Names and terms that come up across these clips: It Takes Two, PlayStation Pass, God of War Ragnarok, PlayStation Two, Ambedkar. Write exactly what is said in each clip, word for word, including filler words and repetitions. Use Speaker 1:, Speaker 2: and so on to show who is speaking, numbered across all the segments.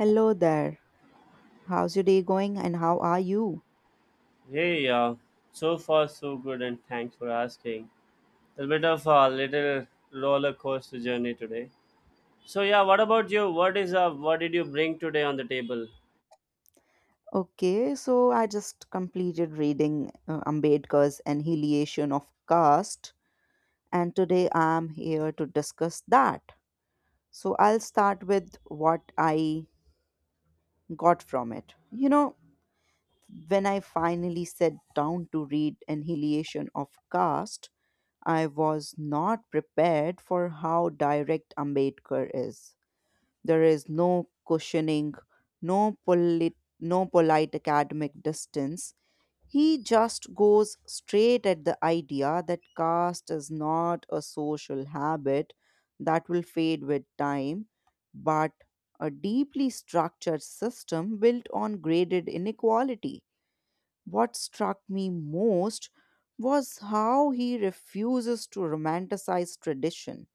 Speaker 1: Hello there. How's your day going and how are you?
Speaker 2: Hey, uh, so far so good, and thanks for asking. A bit of a little roller coaster journey today. So yeah, what about you? What is uh, what did you bring today on the table?
Speaker 1: Okay, so I just completed reading uh, Ambedkar's Annihilation of Caste, and today I'm here to discuss that. So I'll start with what I got from it. You know, when I finally sat down to read Annihilation of Caste, I was not prepared for how direct Ambedkar is. There is no cushioning, no, polite, no polite academic distance. He just goes straight at the idea that caste is not a social habit that will fade with time, but a deeply structured system built on graded inequality. What struck me most was how he refuses to romanticize tradition.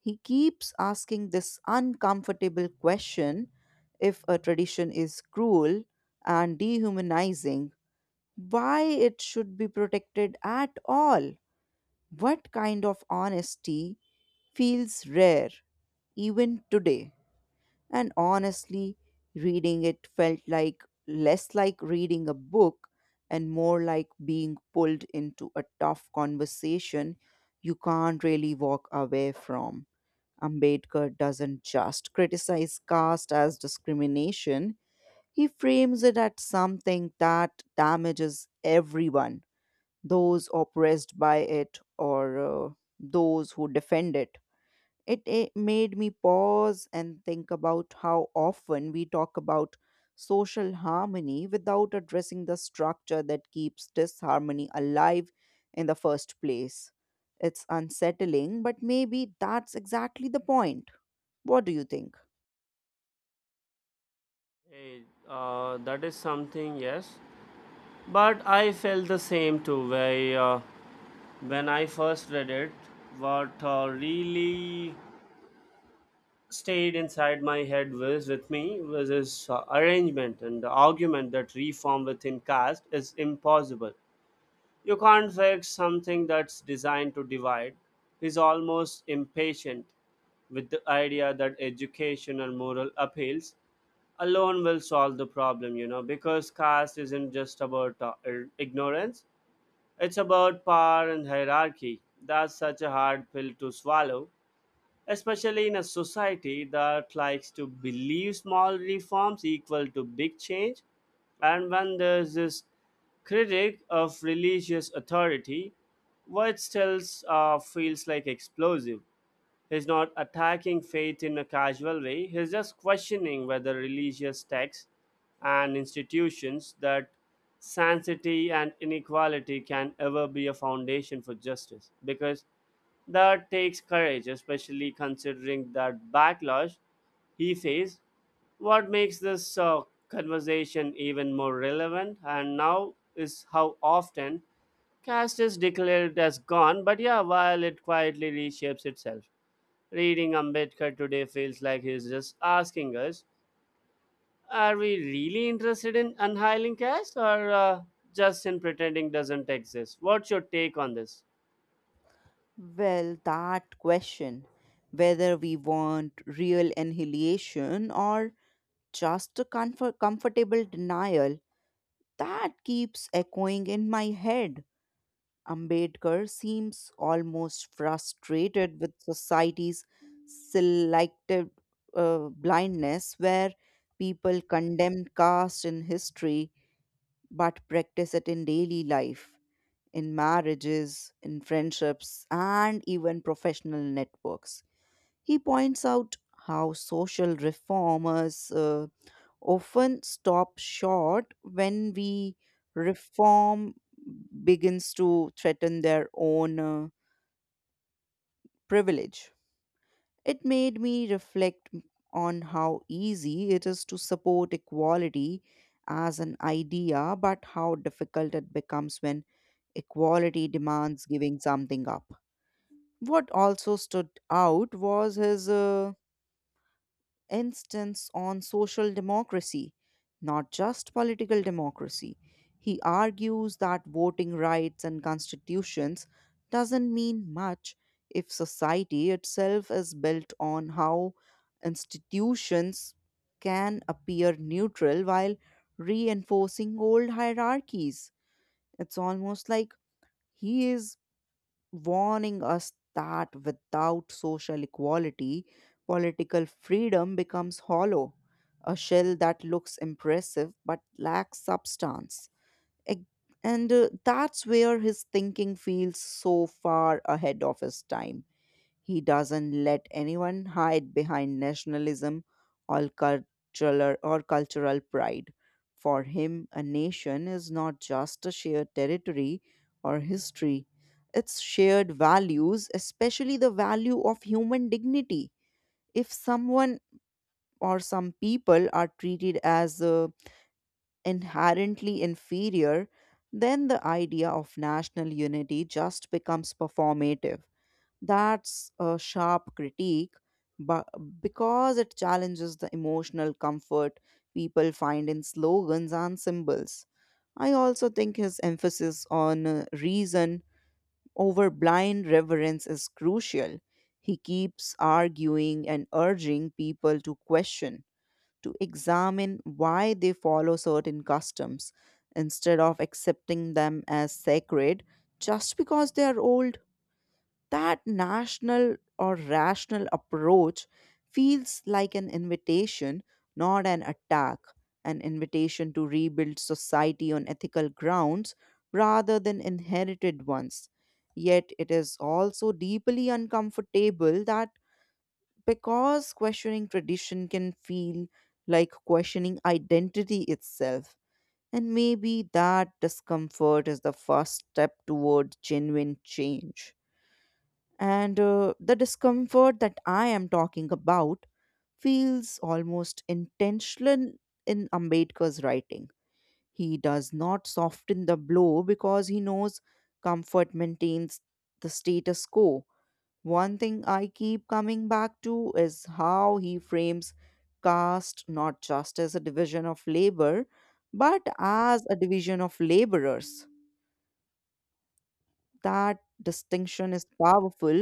Speaker 1: He keeps asking this uncomfortable question: if a tradition is cruel and dehumanizing, why it should be protected at all. What kind of honesty feels rare even today? And honestly, reading it felt like less like reading a book and more like being pulled into a tough conversation you can't really walk away from. Ambedkar doesn't just criticize caste as discrimination, he frames it as something that damages everyone, those oppressed by it or uh, those who defend it. It, eh, made me pause and think about how often we talk about social harmony without addressing the structure that keeps disharmony alive in the first place. It's unsettling, but maybe that's exactly the point. What do you think?
Speaker 2: Hey, uh, that is something, yes. But I felt the same too. Where uh, When I first read it, what uh, really stayed inside my head was with me was this uh, arrangement and the argument that reform within caste is impossible. You can't fix something that's designed to divide. He's almost impatient with the idea that education and moral appeals alone will solve the problem, you know, because caste isn't just about uh, ir- ignorance, it's about power and hierarchy. That's such a hard pill to swallow, especially in a society that likes to believe small reforms equal to big change. And when there's this critic of religious authority, what still uh, feels like explosive. He's not attacking faith in a casual way, he's just questioning whether religious texts and institutions that sanctity and inequality can ever be a foundation for justice. Because that takes courage, especially considering that backlash he faced. What makes this uh, conversation even more relevant and now is how often caste is declared as gone, but yeah, while it quietly reshapes itself. Reading Ambedkar today feels like he's just asking us, are we really interested in unhiling caste or uh, just in pretending doesn't exist? What's your take on this?
Speaker 1: Well, that question, whether we want real annihilation or just a comfort- comfortable denial, that keeps echoing in my head. Ambedkar seems almost frustrated with society's selective uh, blindness, where people condemn caste in history but practice it in daily life, in marriages, in friendships, and even professional networks. He points out how social reformers uh, often stop short when we reform begins to threaten their own uh, privilege. It made me reflect on how easy it is to support equality as an idea, but how difficult it becomes when equality demands giving something up. What also stood out was his uh, instance, on social democracy, not just political democracy. He argues that voting rights and constitutions doesn't mean much if society itself is built on how institutions can appear neutral while reinforcing old hierarchies. It's almost like he is warning us that without social equality, political freedom becomes hollow, a shell that looks impressive but lacks substance. Ag- And uh, that's where his thinking feels so far ahead of his time. He doesn't let anyone hide behind nationalism or cultural or cultural pride. For him, a nation is not just a shared territory or history. It's shared values, especially the value of human dignity. If someone or some people are treated as uh, inherently inferior, then the idea of national unity just becomes performative. That's a sharp critique, but because it challenges the emotional comfort people find in slogans and symbols. I also think his emphasis on uh, reason over blind reverence is crucial. He keeps arguing and urging people to question, to examine why they follow certain customs instead of accepting them as sacred just because they are old. That national or rational approach feels like an invitation, not an attack, an invitation to rebuild society on ethical grounds rather than inherited ones. Yet it is also deeply uncomfortable, that because questioning tradition can feel like questioning identity itself. And maybe that discomfort is the first step toward genuine change. And uh, the discomfort that I am talking about feels almost intentional in Ambedkar's writing. He does not soften the blow because he knows comfort maintains the status quo. One thing I keep coming back to is how he frames caste not just as a division of labor, but as a division of laborers. That distinction is powerful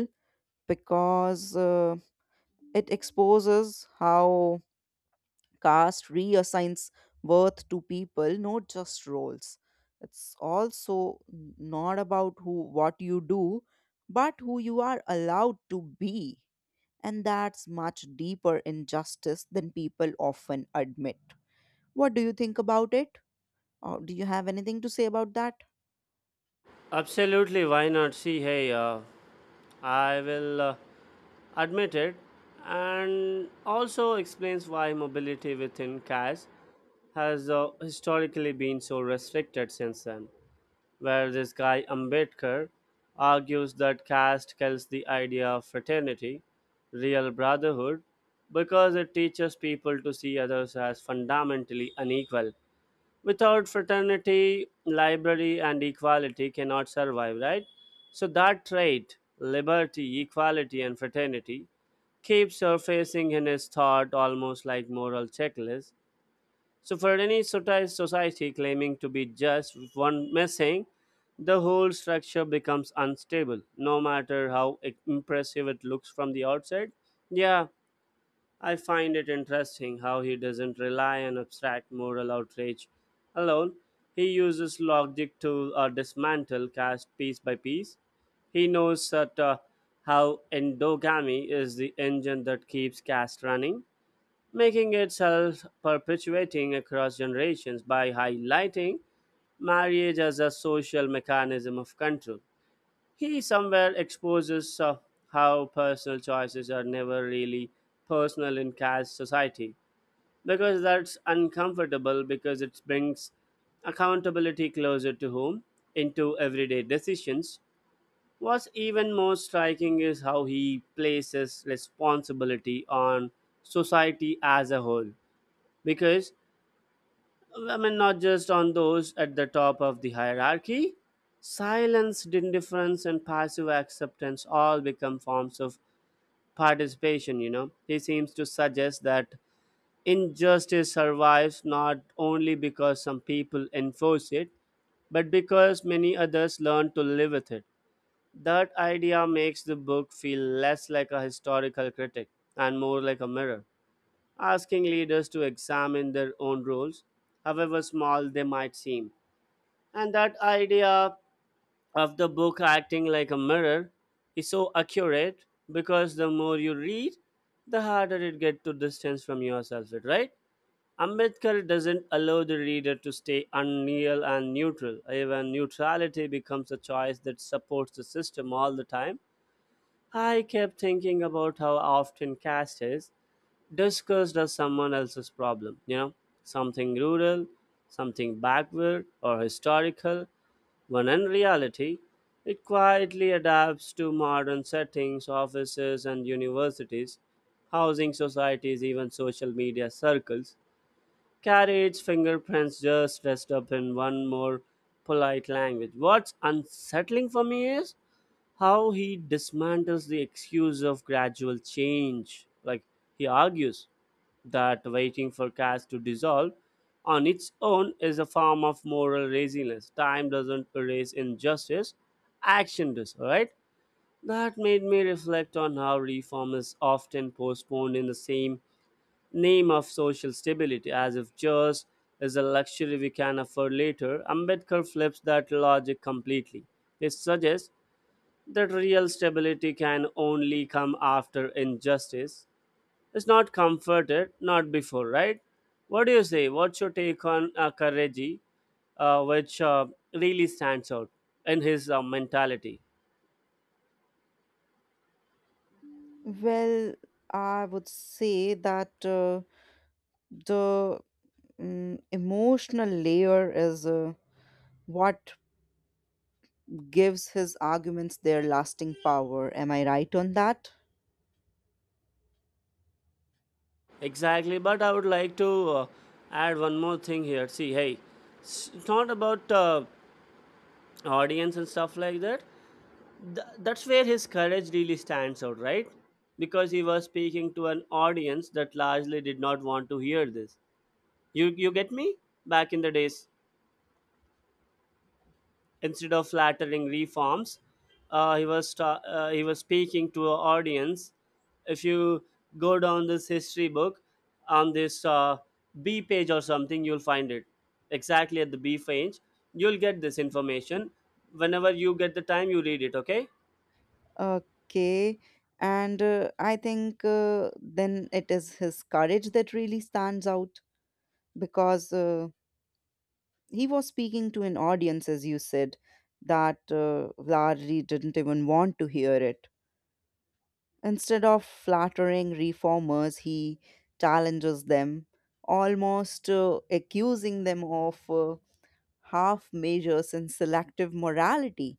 Speaker 1: because. Uh, It exposes how caste reassigns worth to people, not just roles. It's also not about who what you do, but who you are allowed to be. And that's much deeper injustice than people often admit. What do you think about it? Or do you have anything to say about that?
Speaker 2: Absolutely, why not? See, hey, uh, I will uh, admit it, and also explains why mobility within cash has uh, historically been so restricted since then. Where this guy Ambedkar argues that caste kills the idea of fraternity, real brotherhood, because it teaches people to see others as fundamentally unequal. Without fraternity, library and equality cannot survive, right? So that trait liberty, equality, and fraternity keeps surfacing in his thought almost like moral checklist. So for any soci- society claiming to be just, with one missing, the whole structure becomes unstable, no matter how i- impressive it looks from the outside. Yeah, I find it interesting how he doesn't rely on abstract moral outrage alone. He uses logic to uh, dismantle caste piece by piece. He knows that uh, how endogamy is the engine that keeps caste running, making it self perpetuating across generations by highlighting marriage as a social mechanism of control. He somewhere exposes uh, how personal choices are never really personal in caste society, because that's uncomfortable, because it brings accountability closer to home, into everyday decisions. What's even more striking is how he places responsibility on society as a whole, because I mean, not just on those at the top of the hierarchy. Silence, indifference, and passive acceptance all become forms of participation, you know. He seems to suggest that injustice survives not only because some people enforce it, but because many others learn to live with it. That idea makes the book feel less like a historical critic and more like a mirror, asking leaders to examine their own roles, however small they might seem. And that idea of the book acting like a mirror is so accurate, because the more you read, the harder it gets to distance from yourself, it right? Ambedkar doesn't allow the reader to stay unreal and neutral. Even neutrality becomes a choice that supports the system all the time. I kept thinking about how often caste is discussed as someone else's problem, you know, something rural, something backward or historical, when in reality, it quietly adapts to modern settings, offices and universities, housing societies, even social media circles, carry its fingerprints just dressed up in one more polite language. What's unsettling for me is how he dismantles the excuse of gradual change. Like, he argues that waiting for caste to dissolve on its own is a form of moral laziness. Time doesn't erase injustice, action does, right? That made me reflect on how reform is often postponed in the same name of social stability, as if just is a luxury we can afford later. Ambedkar flips that logic completely. He suggests that real stability can only come after injustice. It's not comforted, not before, right? What do you say? What's your take on uh, Kareji, uh, which uh, really stands out in his uh, mentality?
Speaker 1: Well, I would say that uh, the mm, emotional layer is uh, what gives his arguments their lasting power. Am I right on that?
Speaker 2: Exactly, but I would like to uh, add one more thing here. See, hey, it's not about uh, audience and stuff like that. Th- that's where his courage really stands out, right? Because he was speaking to an audience that largely did not want to hear this. You you get me, back in the days, instead of flattering reforms, uh, he was ta- uh, he was speaking to an audience. If you go down this history book on this uh, b page or something, you'll find it exactly at the b page. You'll get this information whenever you get the time, you read it, okay?
Speaker 1: Okay. And uh, I think uh, then it is his courage that really stands out because uh, he was speaking to an audience, as you said, that uh, largely didn't even want to hear it. Instead of flattering reformers, he challenges them, almost uh, accusing them of uh, half measures and selective morality.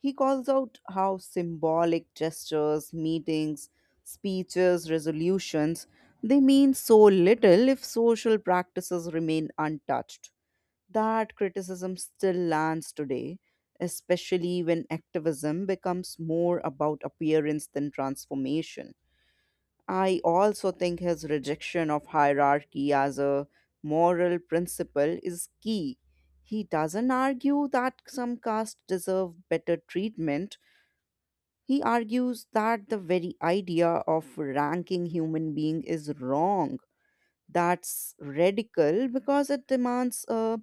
Speaker 1: He calls out how symbolic gestures, meetings, speeches, resolutions, they mean so little if social practices remain untouched. That criticism still lands today, especially when activism becomes more about appearance than transformation. I also think his rejection of hierarchy as a moral principle is key. He doesn't argue that some castes deserve better treatment, he argues that the very idea of ranking human being is wrong. That's radical because it demands a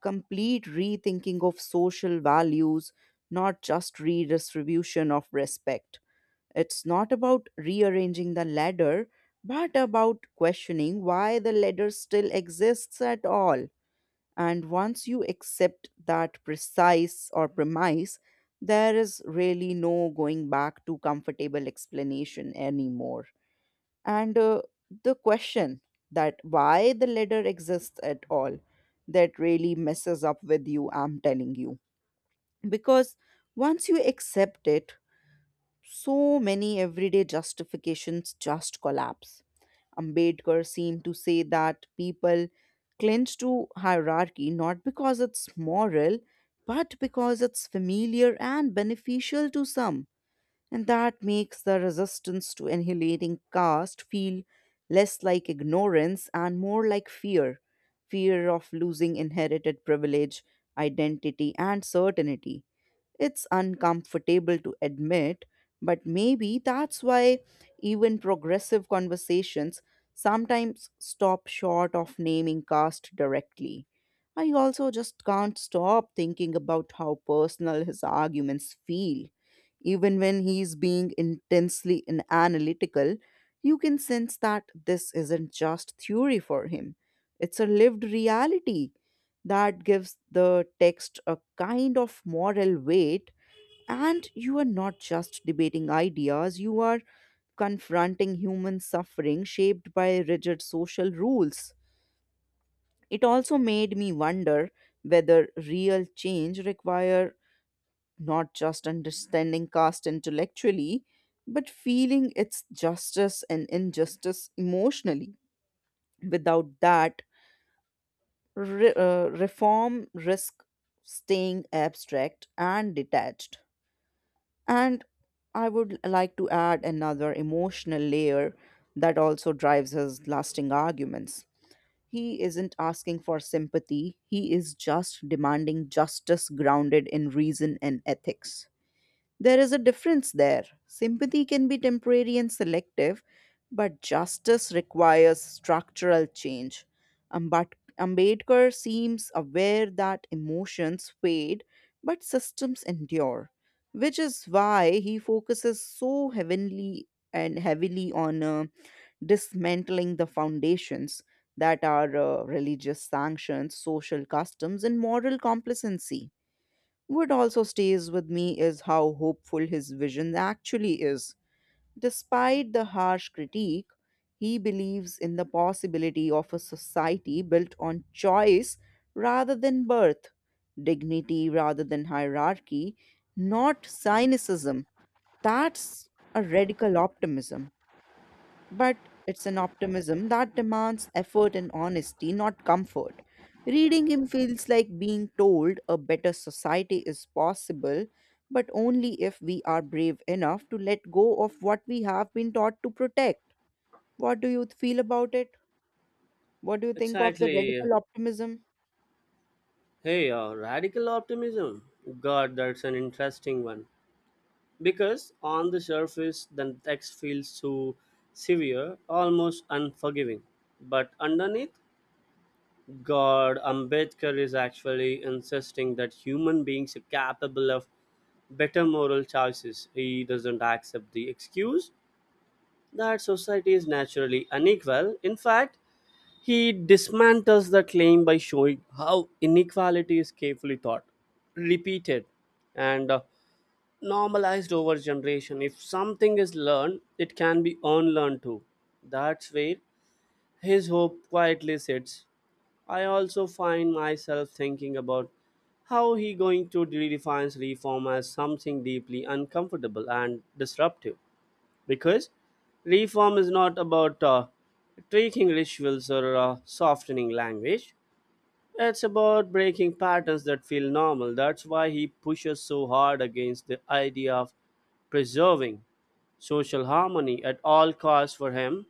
Speaker 1: complete rethinking of social values, not just redistribution of respect. It's not about rearranging the ladder, but about questioning why the ladder still exists at all. And once you accept that precise or premise, there is really no going back to comfortable explanation anymore. And uh, the question that why the ladder exists at all, that really messes up with you, I'm telling you. Because once you accept it, so many everyday justifications just collapse. Ambedkar seemed to say that people clinch to hierarchy not because it's moral, but because it's familiar and beneficial to some. And that makes the resistance to annihilating caste feel less like ignorance and more like fear, fear of losing inherited privilege, identity, and certainty. It's uncomfortable to admit, but maybe that's why even progressive conversations sometimes stop short of naming caste directly. I also just can't stop thinking about how personal his arguments feel. Even when he's being intensely in- analytical, you can sense that this isn't just theory for him, it's a lived reality that gives the text a kind of moral weight. And you are not just debating ideas, you are confronting human suffering shaped by rigid social rules. It also made me wonder whether real change require not just understanding caste intellectually, but feeling its justice and injustice emotionally. Without that, Re- uh, reform risk staying abstract and detached. And I would like to add another emotional layer that also drives his lasting arguments. He isn't asking for sympathy, he is just demanding justice grounded in reason and ethics. There is a difference there. Sympathy can be temporary and selective, but justice requires structural change. Ambat- Ambedkar seems aware that emotions fade, but systems endure, which is why he focuses so heavenly and heavily on uh, dismantling the foundations that are uh, religious sanctions, social customs, and moral complacency. What also stays with me is how hopeful his vision actually is. Despite the harsh critique, he believes in the possibility of a society built on choice rather than birth, dignity rather than hierarchy, not cynicism. That's a radical optimism, but it's an optimism that demands effort and honesty, not comfort. Reading him feels like being told a better society is possible, but only if we are brave enough to let go of what we have been taught to protect. What do you feel about it? What do you think of the
Speaker 2: Exactly.
Speaker 1: radical optimism?
Speaker 2: hey uh, radical optimism, god, that's an interesting one. Because on the surface, the text feels so severe, almost unforgiving. But underneath, god, Ambedkar is actually insisting that human beings are capable of better moral choices. He doesn't accept the excuse that society is naturally unequal. In fact, he dismantles the claim by showing how inequality is carefully thought, repeated, and uh, normalized over generation. If something is learned, it can be unlearned too. That's where his hope quietly sits. I also find myself thinking about how he going to redefines reform as something deeply uncomfortable and disruptive. Because reform is not about uh, tweaking rituals or uh, softening language. It's about breaking patterns that feel normal. That's why he pushes so hard against the idea of preserving social harmony at all costs, for him.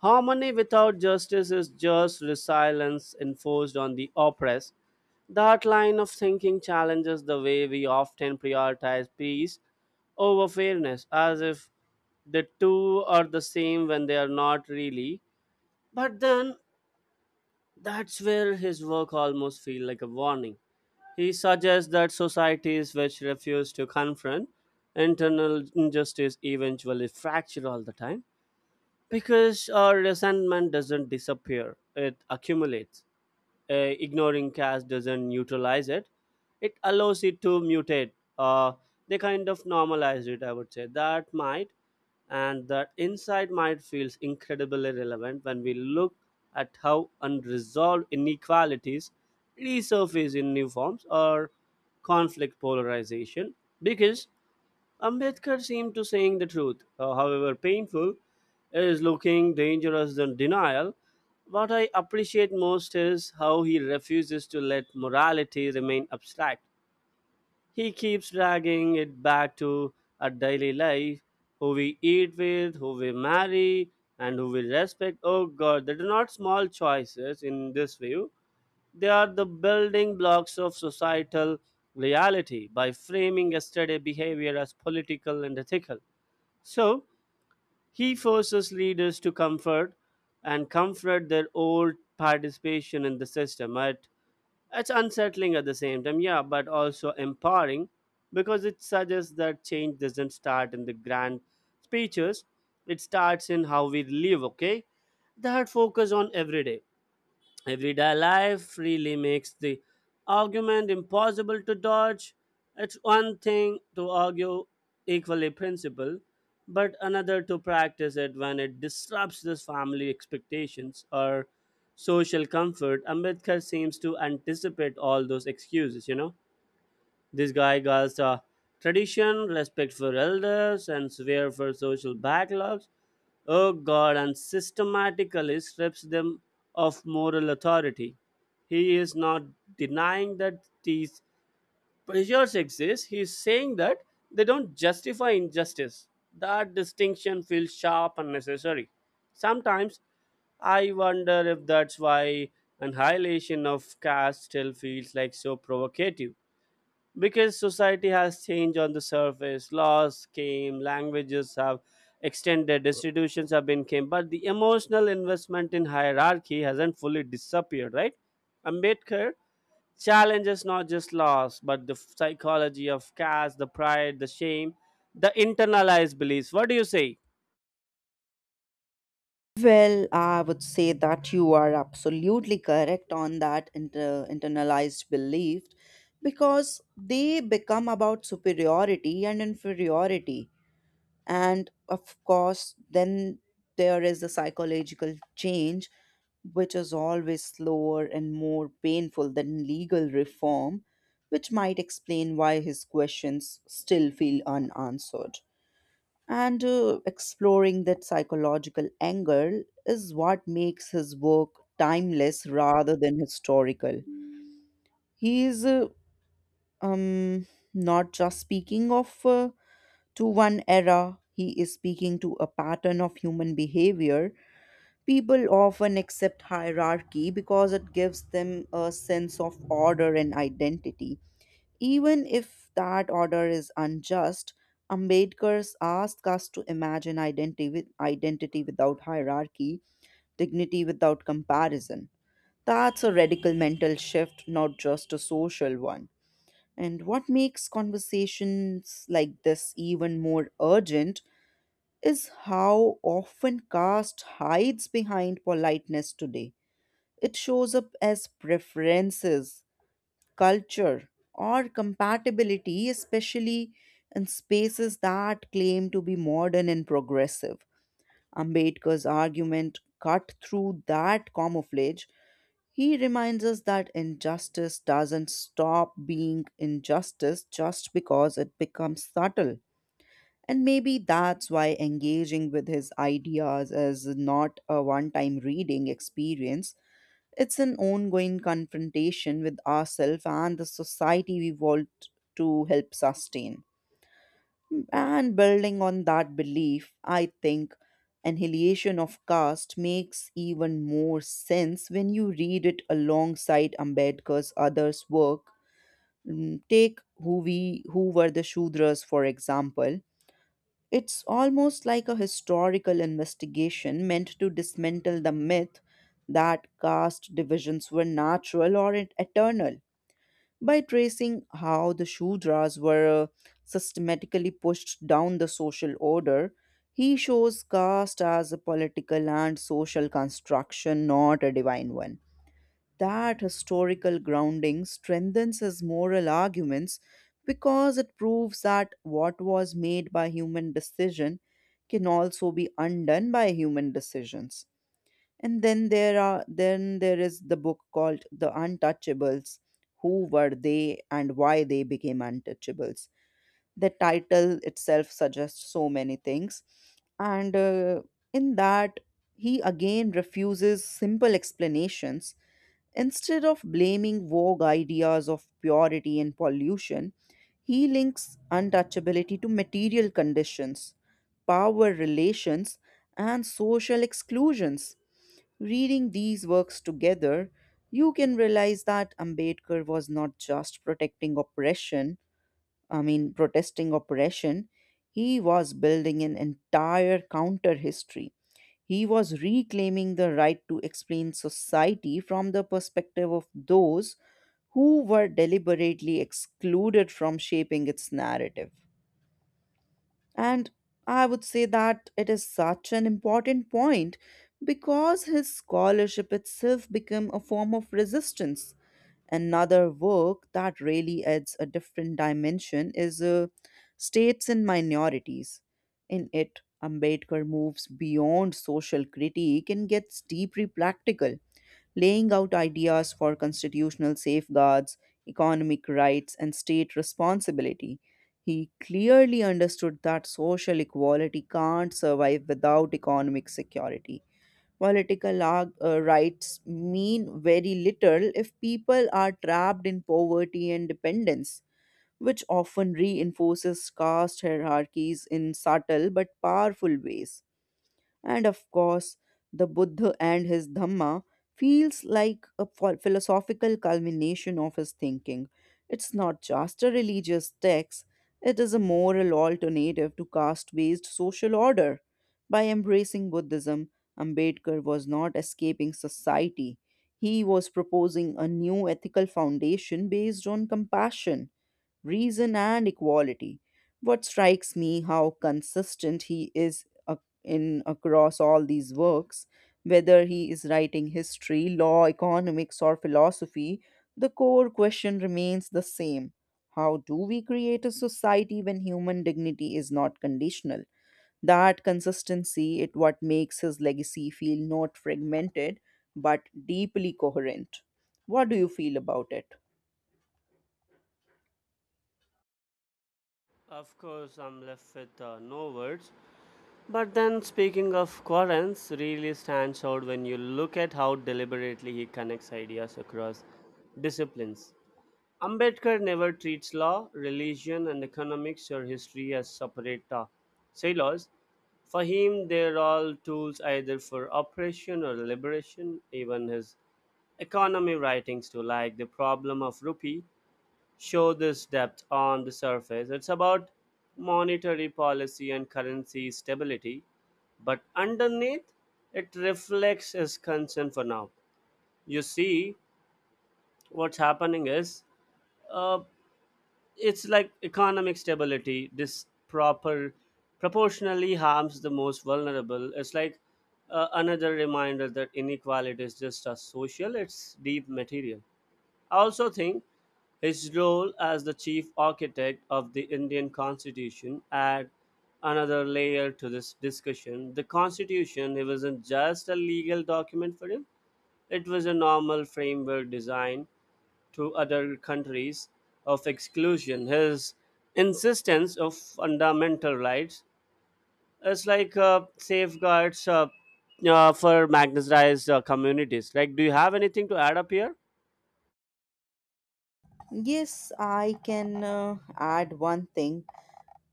Speaker 2: Harmony without justice is just resilience enforced on the oppressed. That line of thinking challenges the way we often prioritize peace over fairness, as if the two are the same, when they are not really. But then that's where his work almost feels like a warning. He suggests that societies which refuse to confront internal injustice eventually fracture all the time, because our resentment doesn't disappear, it accumulates. Uh, ignoring cash doesn't neutralize it, it allows it to mutate, uh, they kind of normalize it, I would say that might. And that insight might feels incredibly relevant when we look at how unresolved inequalities resurface in new forms or conflict polarization, because Ambedkar seemed to saying the truth, uh, however painful, is looking dangerous than denial. What I appreciate most is how he refuses to let morality remain abstract. He keeps dragging it back to our daily life, who we eat with, who we marry, and who we respect. Oh god, there are not small choices in this view, they are the building blocks of societal reality, by framing yesterday behavior as political and ethical. So he forces leaders to comfort and comfort their old participation in the system. It, it's unsettling at the same time, yeah, but also empowering, because it suggests that change doesn't start in the grand speeches, it starts in how we live, okay? That focus on everyday Everyday life really makes the argument impossible to dodge. It's one thing to argue equally principle, but another to practice it when it disrupts this family expectations or social comfort. Ambedkar seems to anticipate all those excuses, you know, this guy got uh, tradition, respect for elders, and swear for social backlogs. Oh god, and systematically strips them of moral authority. He is not denying that these pressures exist. He is saying that they don't justify injustice. That distinction feels sharp and necessary. Sometimes I wonder if that's why annihilation of caste still feels like so provocative, because society has changed on the surface, laws came, languages have extended, institutions have been came, but the emotional investment in hierarchy hasn't fully disappeared, right? Ambedkar challenges not just laws but the psychology of caste, the pride, the shame, the internalized beliefs. What do you say?
Speaker 1: Well, I would say that you are absolutely correct on that inter- internalized belief, because they become about superiority and inferiority. And of course, then there is the psychological change, which is always slower and more painful than legal reform, which might explain why his questions still feel unanswered. And uh, exploring that psychological angle is what makes his work timeless rather than historical. He is uh, um, not just speaking of uh, to one era, he is speaking to a pattern of human behavior. People often accept hierarchy because it gives them a sense of order and identity. Even if that order is unjust, Ambedkar's asks us to imagine identity, with, identity without hierarchy, dignity without comparison. That's a radical mental shift, not just a social one. And what makes conversations like this even more urgent is how often caste hides behind politeness today. It shows up as preferences, culture, or compatibility, especially in spaces that claim to be modern and progressive. Ambedkar's argument cut through that camouflage. He reminds us that injustice doesn't stop being injustice just because it becomes subtle. And maybe that's why engaging with his ideas is not a one time reading experience. It's an ongoing confrontation with ourselves and the society we want to help sustain. And building on that belief, I think Annihilation of Caste makes even more sense when you read it alongside Ambedkar's others' work. Mm, Take who we who were the Shudras, for example. It's almost like a historical investigation meant to dismantle the myth that caste divisions were natural or et- eternal by tracing how the Shudras were uh, systematically pushed down the social order. He shows caste as a political and social construction, not a divine one. That historical grounding strengthens his moral arguments, because it proves that what was made by human decision can also be undone by human decisions. And then there are then there is the book called The Untouchables. Who were they, and why they became untouchables? The title itself suggests so many things. And uh, In that, he again refuses simple explanations. Instead of blaming vogue ideas of purity and pollution, he links untouchability to material conditions, power relations, and social exclusions. Reading these works together, you can realize that Ambedkar was not just protecting oppression, I mean, protesting oppression. He was building an entire counter history. He was reclaiming the right to explain society from the perspective of those who were deliberately excluded from shaping its narrative. And I would say that it is such an important point, because his scholarship itself became a form of resistance. Another work that really adds a different dimension is uh, States and Minorities. In it, Ambedkar moves beyond social critique and gets deeply practical, laying out ideas for constitutional safeguards, economic rights, and state responsibility. He clearly understood that social equality can't survive without economic security. Political ar- uh, rights mean very little if people are trapped in poverty and dependence, which often reinforces caste hierarchies in subtle but powerful ways. And of course, the Buddha and his Dhamma feels like a pho- philosophical culmination of his thinking. It's not just a religious text, it is a moral alternative to caste based social order. By embracing Buddhism, Ambedkar was not escaping society. He was proposing a new ethical foundation based on compassion, reason and equality. What strikes me how consistent he is ac- in across all these works, whether he is writing history, law, economics, or philosophy, the core question remains the same. How do we create a society when human dignity is not conditional? That consistency is what makes his legacy feel not fragmented, but deeply coherent. What do you feel about it?
Speaker 2: Of course, I'm left with uh, no words. But then, speaking of Quarren's, really stands out when you look at how deliberately he connects ideas across disciplines. Ambedkar never treats law, religion, and economics or history as separate uh, silos. For him, they're all tools either for oppression or liberation. Even his economy writings to, like the problem of rupee, show this depth on the surface. It's about monetary policy and currency stability, but underneath, it reflects his concern for now. You see, what's happening is, uh, it's like economic stability, this proper proportionally harms the most vulnerable. It's like uh, another reminder that inequality is just a social, it's deep material. I also think his role as the chief architect of the Indian Constitution adds another layer to this discussion. The Constitution, it wasn't just a legal document for him, it was a normal framework designed to other countries of exclusion. His insistence of fundamental rights is like uh, safeguards uh, uh, for marginalized uh, communities. Like, do you have anything to add up here?
Speaker 1: Yes, I can uh, add one thing,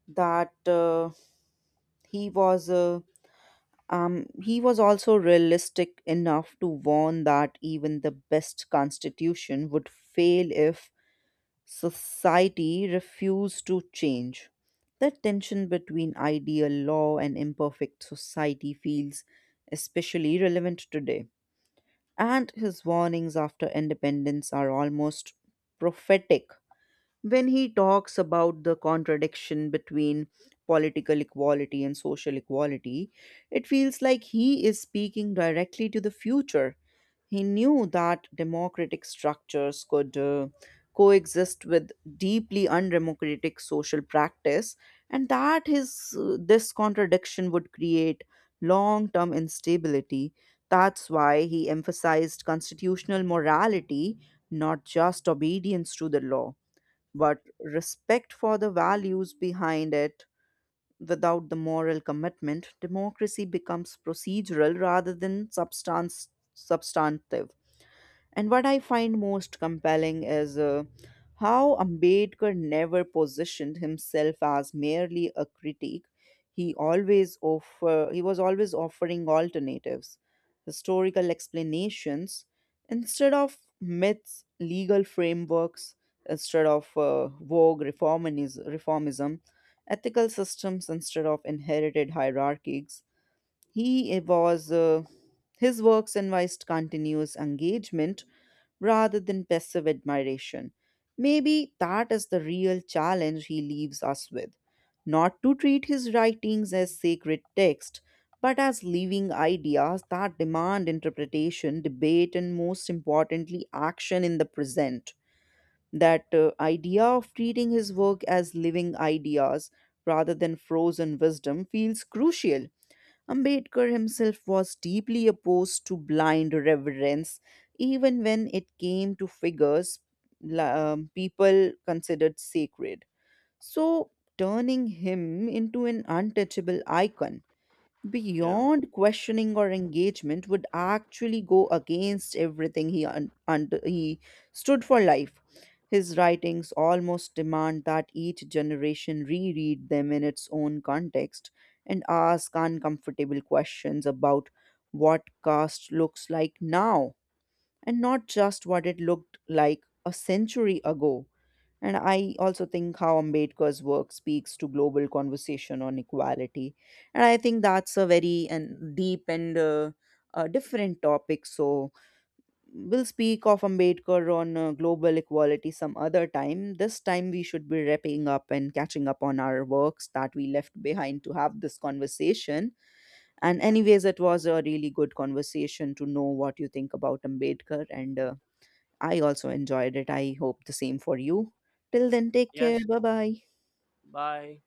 Speaker 1: that uh, he was uh, um, he was also realistic enough to warn that even the best constitution would fail if society refused to change. The tension between ideal law and imperfect society feels especially relevant today. And his warnings after independence are almost prophetic. When he talks about the contradiction between political equality and social equality, it feels like he is speaking directly to the future. He knew that democratic structures could uh, coexist with deeply undemocratic social practice, and that his uh, this contradiction would create long-term instability. That's why he emphasized constitutional morality, not just obedience to the law but respect for the values behind it. Without the moral commitment democracy becomes procedural rather than substance substantive. And what I find most compelling is uh, how Ambedkar never positioned himself as merely a critic. He always offer, he was always offering alternatives, historical explanations instead of myths, legal frameworks instead of uh, vogue reformism, reformism, ethical systems instead of inherited hierarchies. He was uh, His works invite continuous engagement rather than passive admiration. Maybe that is the real challenge he leaves us with: not to treat his writings as sacred text, but as living ideas that demand interpretation, debate, and most importantly, action in the present. That uh, idea of treating his work as living ideas rather than frozen wisdom feels crucial. Ambedkar himself was deeply opposed to blind reverence, even when it came to figures la- um, people considered sacred. So, turning him into an untouchable icon
Speaker 2: Yeah.
Speaker 1: beyond questioning or engagement would actually go against everything he un- under- he stood for life. His writings almost demand that each generation reread them in its own context and ask uncomfortable questions about what caste looks like now, and not just what it looked like a century ago. And I also think how Ambedkar's work speaks to global conversation on equality. And I think that's a very and deep and uh, uh, different topic. So we'll speak of Ambedkar on uh, global equality some other time. This time we should be wrapping up and catching up on our works that we left behind to have this conversation. And
Speaker 2: Yeah.
Speaker 1: anyways, it was a really good conversation to know what you think about Ambedkar, and. Uh, I also enjoyed it. I hope the same for you. Till then, take care.
Speaker 2: Yes.
Speaker 1: Bye bye.
Speaker 2: Bye.